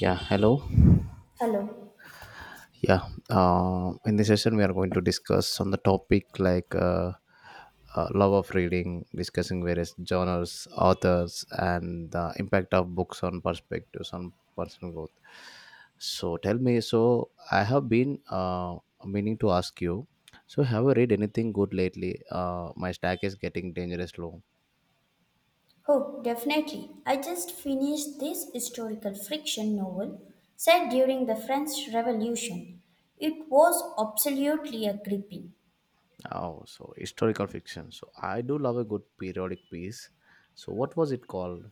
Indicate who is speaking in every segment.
Speaker 1: Yeah, hello.
Speaker 2: Hello.
Speaker 1: Yeah, in this session, we are going to discuss on the topic like love of reading, discussing various genres, authors, and the impact of books on perspectives on personal growth. So, tell me. So, I have been meaning to ask you. So, have you read anything good lately? My stack is getting dangerous low.
Speaker 2: Oh, definitely. I just finished this historical fiction novel set during the French Revolution. It was absolutely a gripping.
Speaker 1: Oh, so historical fiction. So, I do love a good periodic piece. So, what was it called?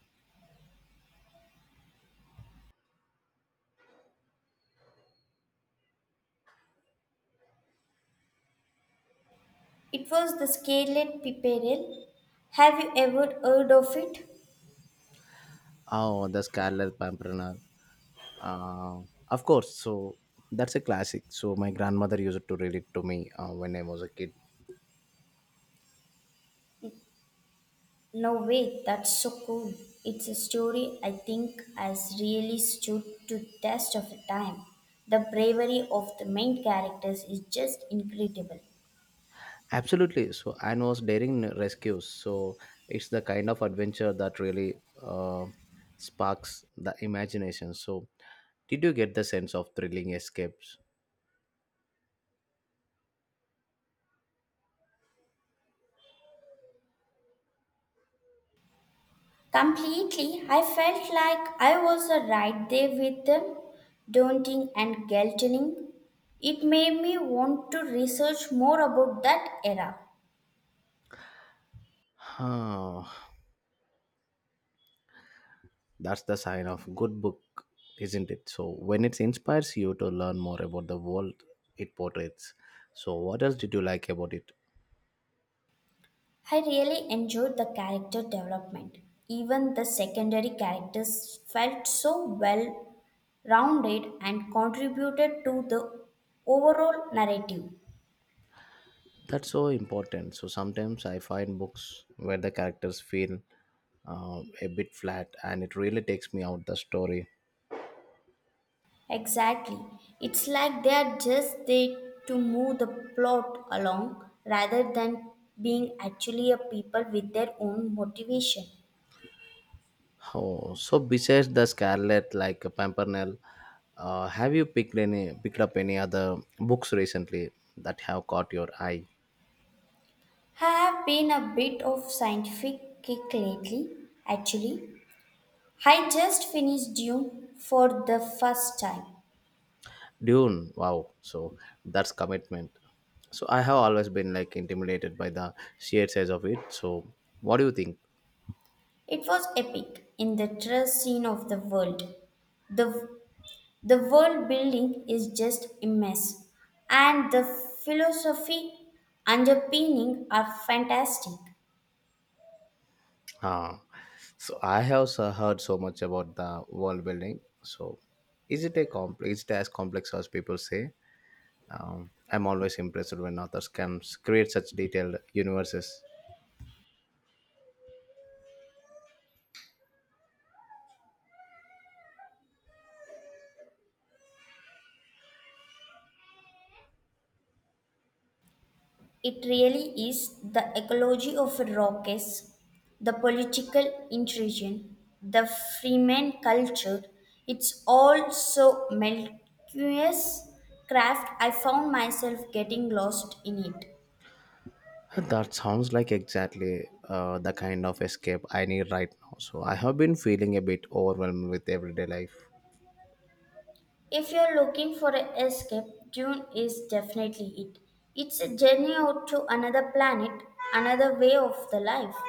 Speaker 2: It was The Scarlet Pimpernel. Have you ever heard of it?
Speaker 1: Oh, the Scarlet Pimpernel. Uh, of course. So that's a classic. So my grandmother used to read it to me when I was a kid.
Speaker 2: No way, that's so cool. It's a story I think has really stood to test of time. The bravery of the main characters is just incredible.
Speaker 1: Absolutely. So Anne was daring rescues. So it's the kind of adventure that really sparks the imagination. So did you get the sense of thrilling escapes?
Speaker 2: Completely, I felt like I was right there with them, daunting and guilting. It made me want to research more about that era.
Speaker 1: Huh. That's the sign of good book, isn't it? So when it inspires you to learn more about the world it portrays. So what else did you like about it?
Speaker 2: I really enjoyed the character development. Even the secondary characters felt so well rounded and contributed to the overall narrative.
Speaker 1: That's so important. So sometimes I find books where the characters feel a bit flat and it really takes me out the story.
Speaker 2: Exactly. It's like they are just there to move the plot along rather than being actually a people with their own motivation.
Speaker 1: Oh, so besides the Scarlet, like Pimpernel, have you picked any picked up any other books recently that have caught your eye?
Speaker 2: I have been a bit of scientific kick lately, actually. I just finished Dune for the first time.
Speaker 1: Dune, wow! So that's commitment. So I have always been like intimidated by the sheer size of it. So what do you think?
Speaker 2: It was epic in the trust scene of the world. The The world building is just immense, and the philosophy underpinning are fantastic.
Speaker 1: Ah, so I have heard so much about the world building. So, is it a complex? Is it as complex as people say? I'm always impressed when authors can create such detailed universes.
Speaker 2: It really is the ecology of rockets, the political intrigue, the freeman culture. It's all so melodious craft. I found myself getting lost in it.
Speaker 1: That sounds like exactly the kind of escape I need right now. So, I have been feeling a bit overwhelmed with everyday life.
Speaker 2: If you're looking for an escape, Dune is definitely it. It's a journey out to another planet, another way of the life.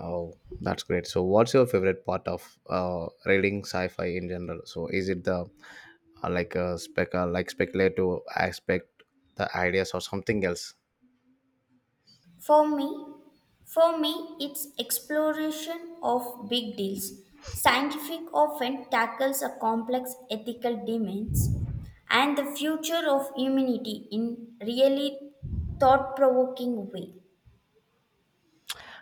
Speaker 1: Oh, that's great. So, what's your favorite part of reading sci-fi in general? So, is it the like speculative aspect, the ideas, or something else?
Speaker 2: For me, for me, it's exploration of big deals. Scientific often tackles a complex ethical demands and the future of humanity in really thought-provoking way.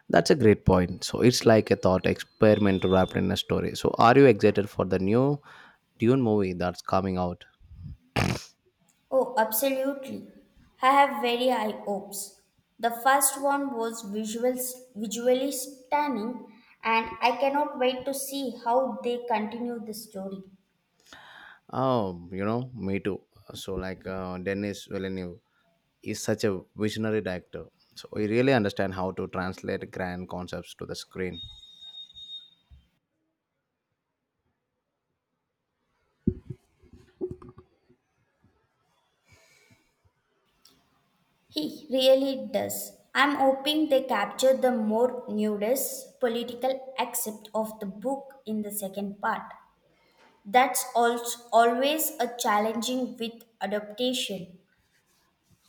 Speaker 1: That's a great point. So, it's like a thought experiment wrapped in a story. So, are you excited for the new Dune movie that's coming out?
Speaker 2: Oh, absolutely. I have very high hopes. The first one was visuals, visually stunning, and I cannot wait to see how they continue the story.
Speaker 1: Oh, you know, me too. So, like Denis Villeneuve is such a visionary director. So, he really understand how to translate grand concepts to the screen.
Speaker 2: He really does. I'm hoping they capture the more nudist political aspect of the book in the second part. That's al- Always a challenging with adaptation.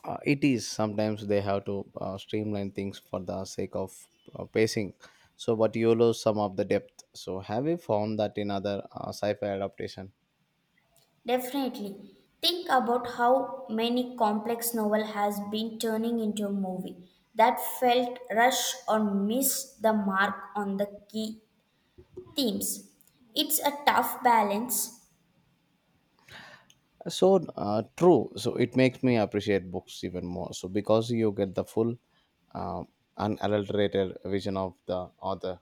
Speaker 1: It is sometimes they have to streamline things for the sake of pacing, so but you lose some of the depth. So have you found that in other sci-fi adaptation,
Speaker 2: Definitely. Think about how many complex novel has been turning into a movie that felt rushed or missed the mark on the key themes. It's a tough balance.
Speaker 1: so true. So it makes me appreciate books even more, so because you get the full uh, unadulterated vision of the author.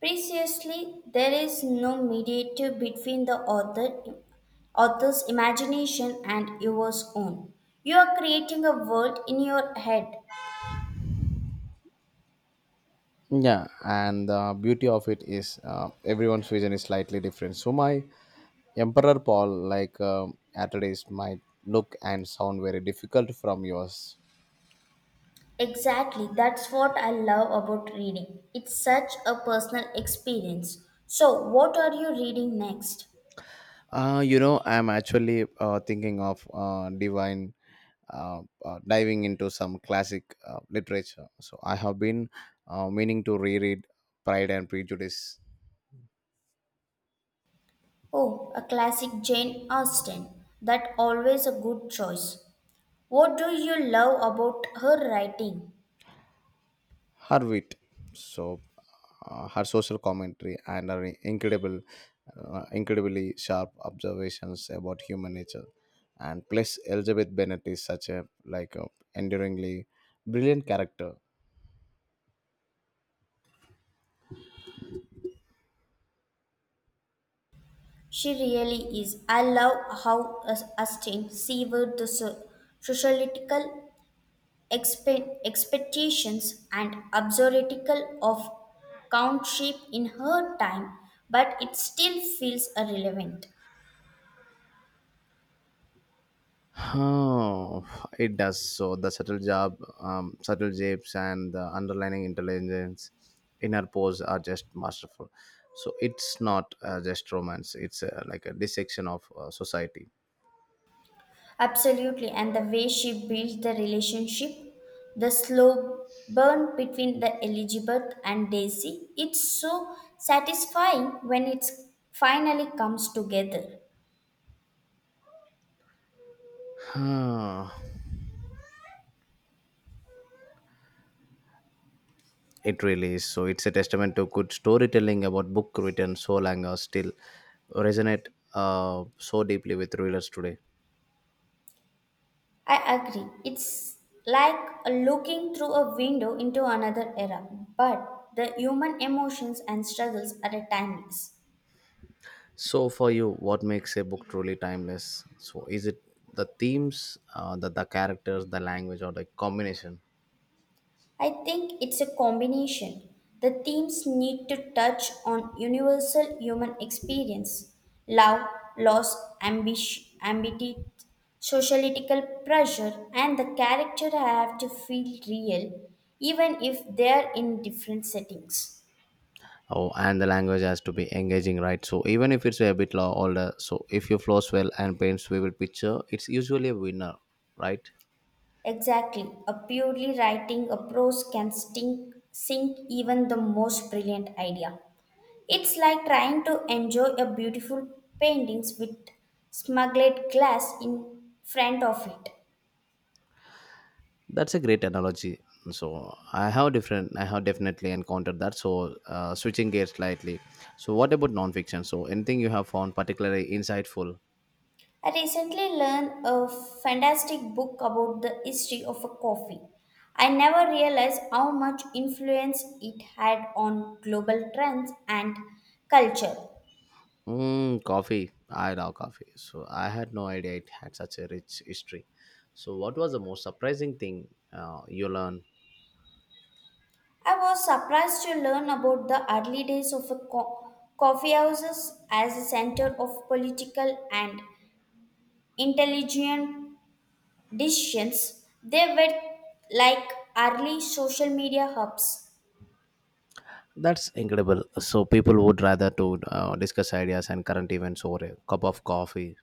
Speaker 2: Precisely, there is no mediator between the author's imagination and yours own. You are creating a world in your head.
Speaker 1: Yeah, and the beauty of it is everyone's vision is slightly different. So my emperor paul like atreides might look and sound very difficult from yours.
Speaker 2: Exactly, that's what I love about reading. It's such a personal experience. So, what are you reading next?
Speaker 1: You know, I'm actually thinking of divine diving into some classic literature. So I have been meaning to reread Pride and Prejudice,
Speaker 2: Oh, a classic Jane Austen. That always a good choice. What do you love about her writing?
Speaker 1: her wit, so her social commentary and her incredibly sharp observations about human nature. And plus, Elizabeth Bennet is such a like a enduringly brilliant character.
Speaker 2: She really is. I love how Austen severed the sociological expectations and absurdical of countship in her time, but it still feels irrelevant.
Speaker 1: Oh, it does. So the subtle job, subtle japes, and the underlining intelligence in her pose are just masterful. So it's not just romance; it's like a dissection of society.
Speaker 2: Absolutely, and the way she built the relationship, the slow burn between the Elizabeth and Daisy, it's so satisfying when it finally comes together.
Speaker 1: Ah, it really is. So it's a testament to good storytelling about book written so long or still resonate so deeply with readers today.
Speaker 2: I agree. It's like looking through a window into another era, but the human emotions and struggles are a timeless.
Speaker 1: So, for you, what makes a book truly timeless? So, is it the themes, the characters, the language, or the combination?
Speaker 2: I think it's a combination. The themes need to touch on universal human experience, love, loss, ambition, ambiguity, sociological pressure, and the character have to feel real, even if they're in different settings.
Speaker 1: Oh, and the language has to be engaging, right? So, even if it's a bit older, so if you flows well and paints vivid picture, it's usually a winner, right?
Speaker 2: Exactly. A purely writing approach can stink, sink even the most brilliant idea. It's like trying to enjoy a beautiful paintings with smuggled glass in front of it.
Speaker 1: That's a great analogy. So, I have I have definitely encountered that. So, switching gears slightly. So, what about nonfiction? So, anything you have found particularly insightful?
Speaker 2: I recently learned a fantastic book about the history of a coffee. I never realized how much influence it had on global trends and culture.
Speaker 1: Mm, coffee. I love coffee. So I had no idea it had such a rich history. So what was the most surprising thing you learned?
Speaker 2: I was surprised to learn about the early days of a coffee houses as a center of political and intelligent decisions. They were like early social media hubs.
Speaker 1: That's incredible. So people would rather to discuss ideas and current events over a cup of coffee.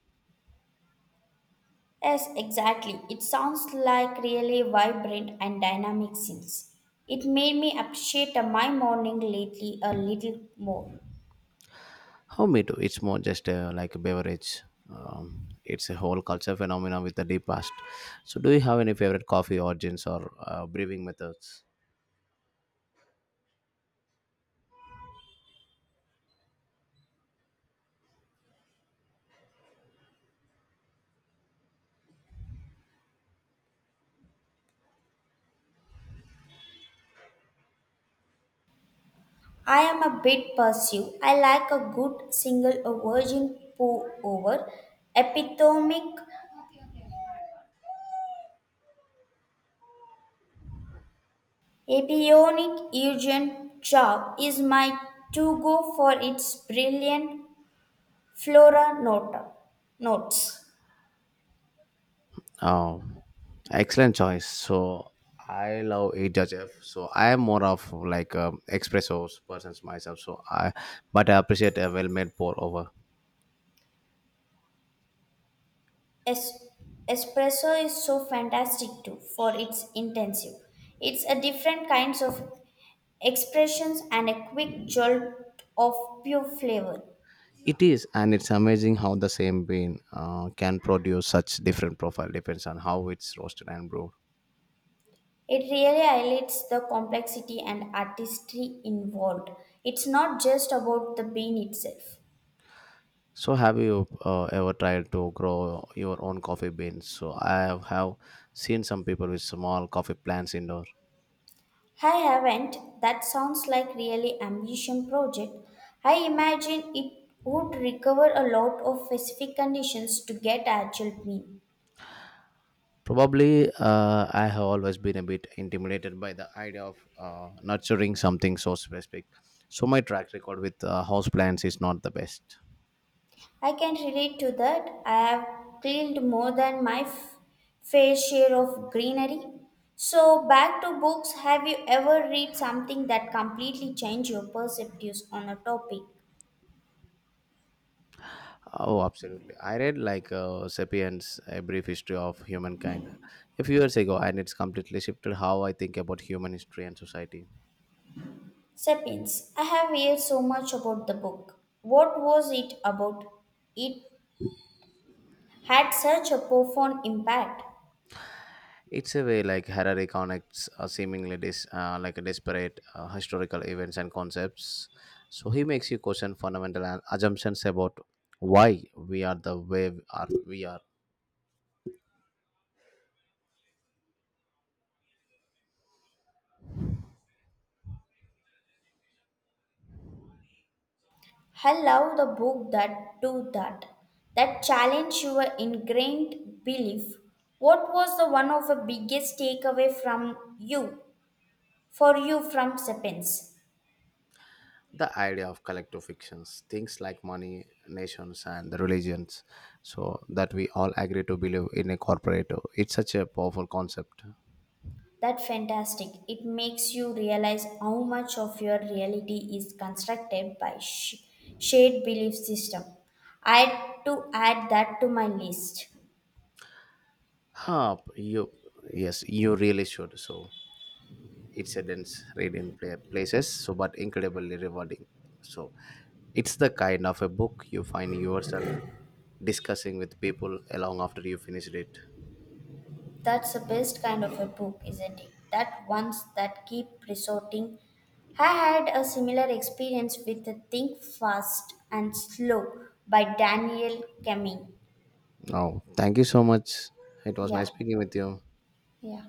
Speaker 2: Yes, exactly. It sounds like really vibrant and dynamic scenes. It made me appreciate my morning lately a little more.
Speaker 1: How me too. It's more just like a beverage. It's a whole culture phenomenon with a deep past. So do you have any favorite coffee origins or brewing methods?
Speaker 2: I am a bit passive. I like a good single a virgin pour over, epitome. A bionic Eugen Chow is my to go for its brilliant flora nota notes.
Speaker 1: Oh, excellent choice. So I love HHF. So I am more of like a espresso persons myself. So I, but I appreciate a well-made pour over.
Speaker 2: Es- Espresso is so fantastic too for its intensive. It's a different kinds of expressions and a quick jolt of pure flavor.
Speaker 1: It is, and it's amazing how the same bean can produce such different profile depends on how it's roasted and brewed.
Speaker 2: It really highlights the complexity and artistry involved. It's not just about the bean itself.
Speaker 1: So have you ever tried to grow your own coffee beans? So I have seen some people with small coffee plants indoor.
Speaker 2: I haven't. That sounds like really ambition project. I imagine it would recover a lot of specific conditions to get actual mean.
Speaker 1: Probably, I have always been a bit intimidated by the idea of nurturing something so specific. So my track record with houseplants is not the best.
Speaker 2: I can relate to that. I have cleaned more than my fair share of greenery. So back to books. Have you ever read something that completely changed your perspectives on a topic?
Speaker 1: Oh, absolutely. I read like *Sapiens: A Brief History of Humankind* a few years ago, and it's completely shifted how I think about human history and society.
Speaker 2: Sapiens. I have heard so much about the book. What was it about? It had such a profound impact.
Speaker 1: It's a way like Harari connects seemingly like a disparate historical events and concepts. So he makes you question fundamental assumptions about why we are the way we are. We are.
Speaker 2: I love the book that do that, that challenge your ingrained belief. What was the one of the biggest takeaway from you, for you from Sapiens?
Speaker 1: The idea of collective fictions, things like money, nations, and the religions, so that we all agree to believe in a corporate. It's such a powerful concept.
Speaker 2: That's fantastic. It makes you realize how much of your reality is constructed by shared belief system. I had to add that to my list.
Speaker 1: Huh, yes, you really should. So incidents read in places, so but incredibly rewarding, so it's the kind of a book you find yourself discussing with people along after you finished it.
Speaker 2: That's the best kind of a book, isn't it? That ones that keep resorting. I had a similar experience with the Think Fast and Slow by Daniel Kamen.
Speaker 1: Oh, thank you so much. It was nice
Speaker 2: Yeah,
Speaker 1: speaking with you.
Speaker 2: yeah.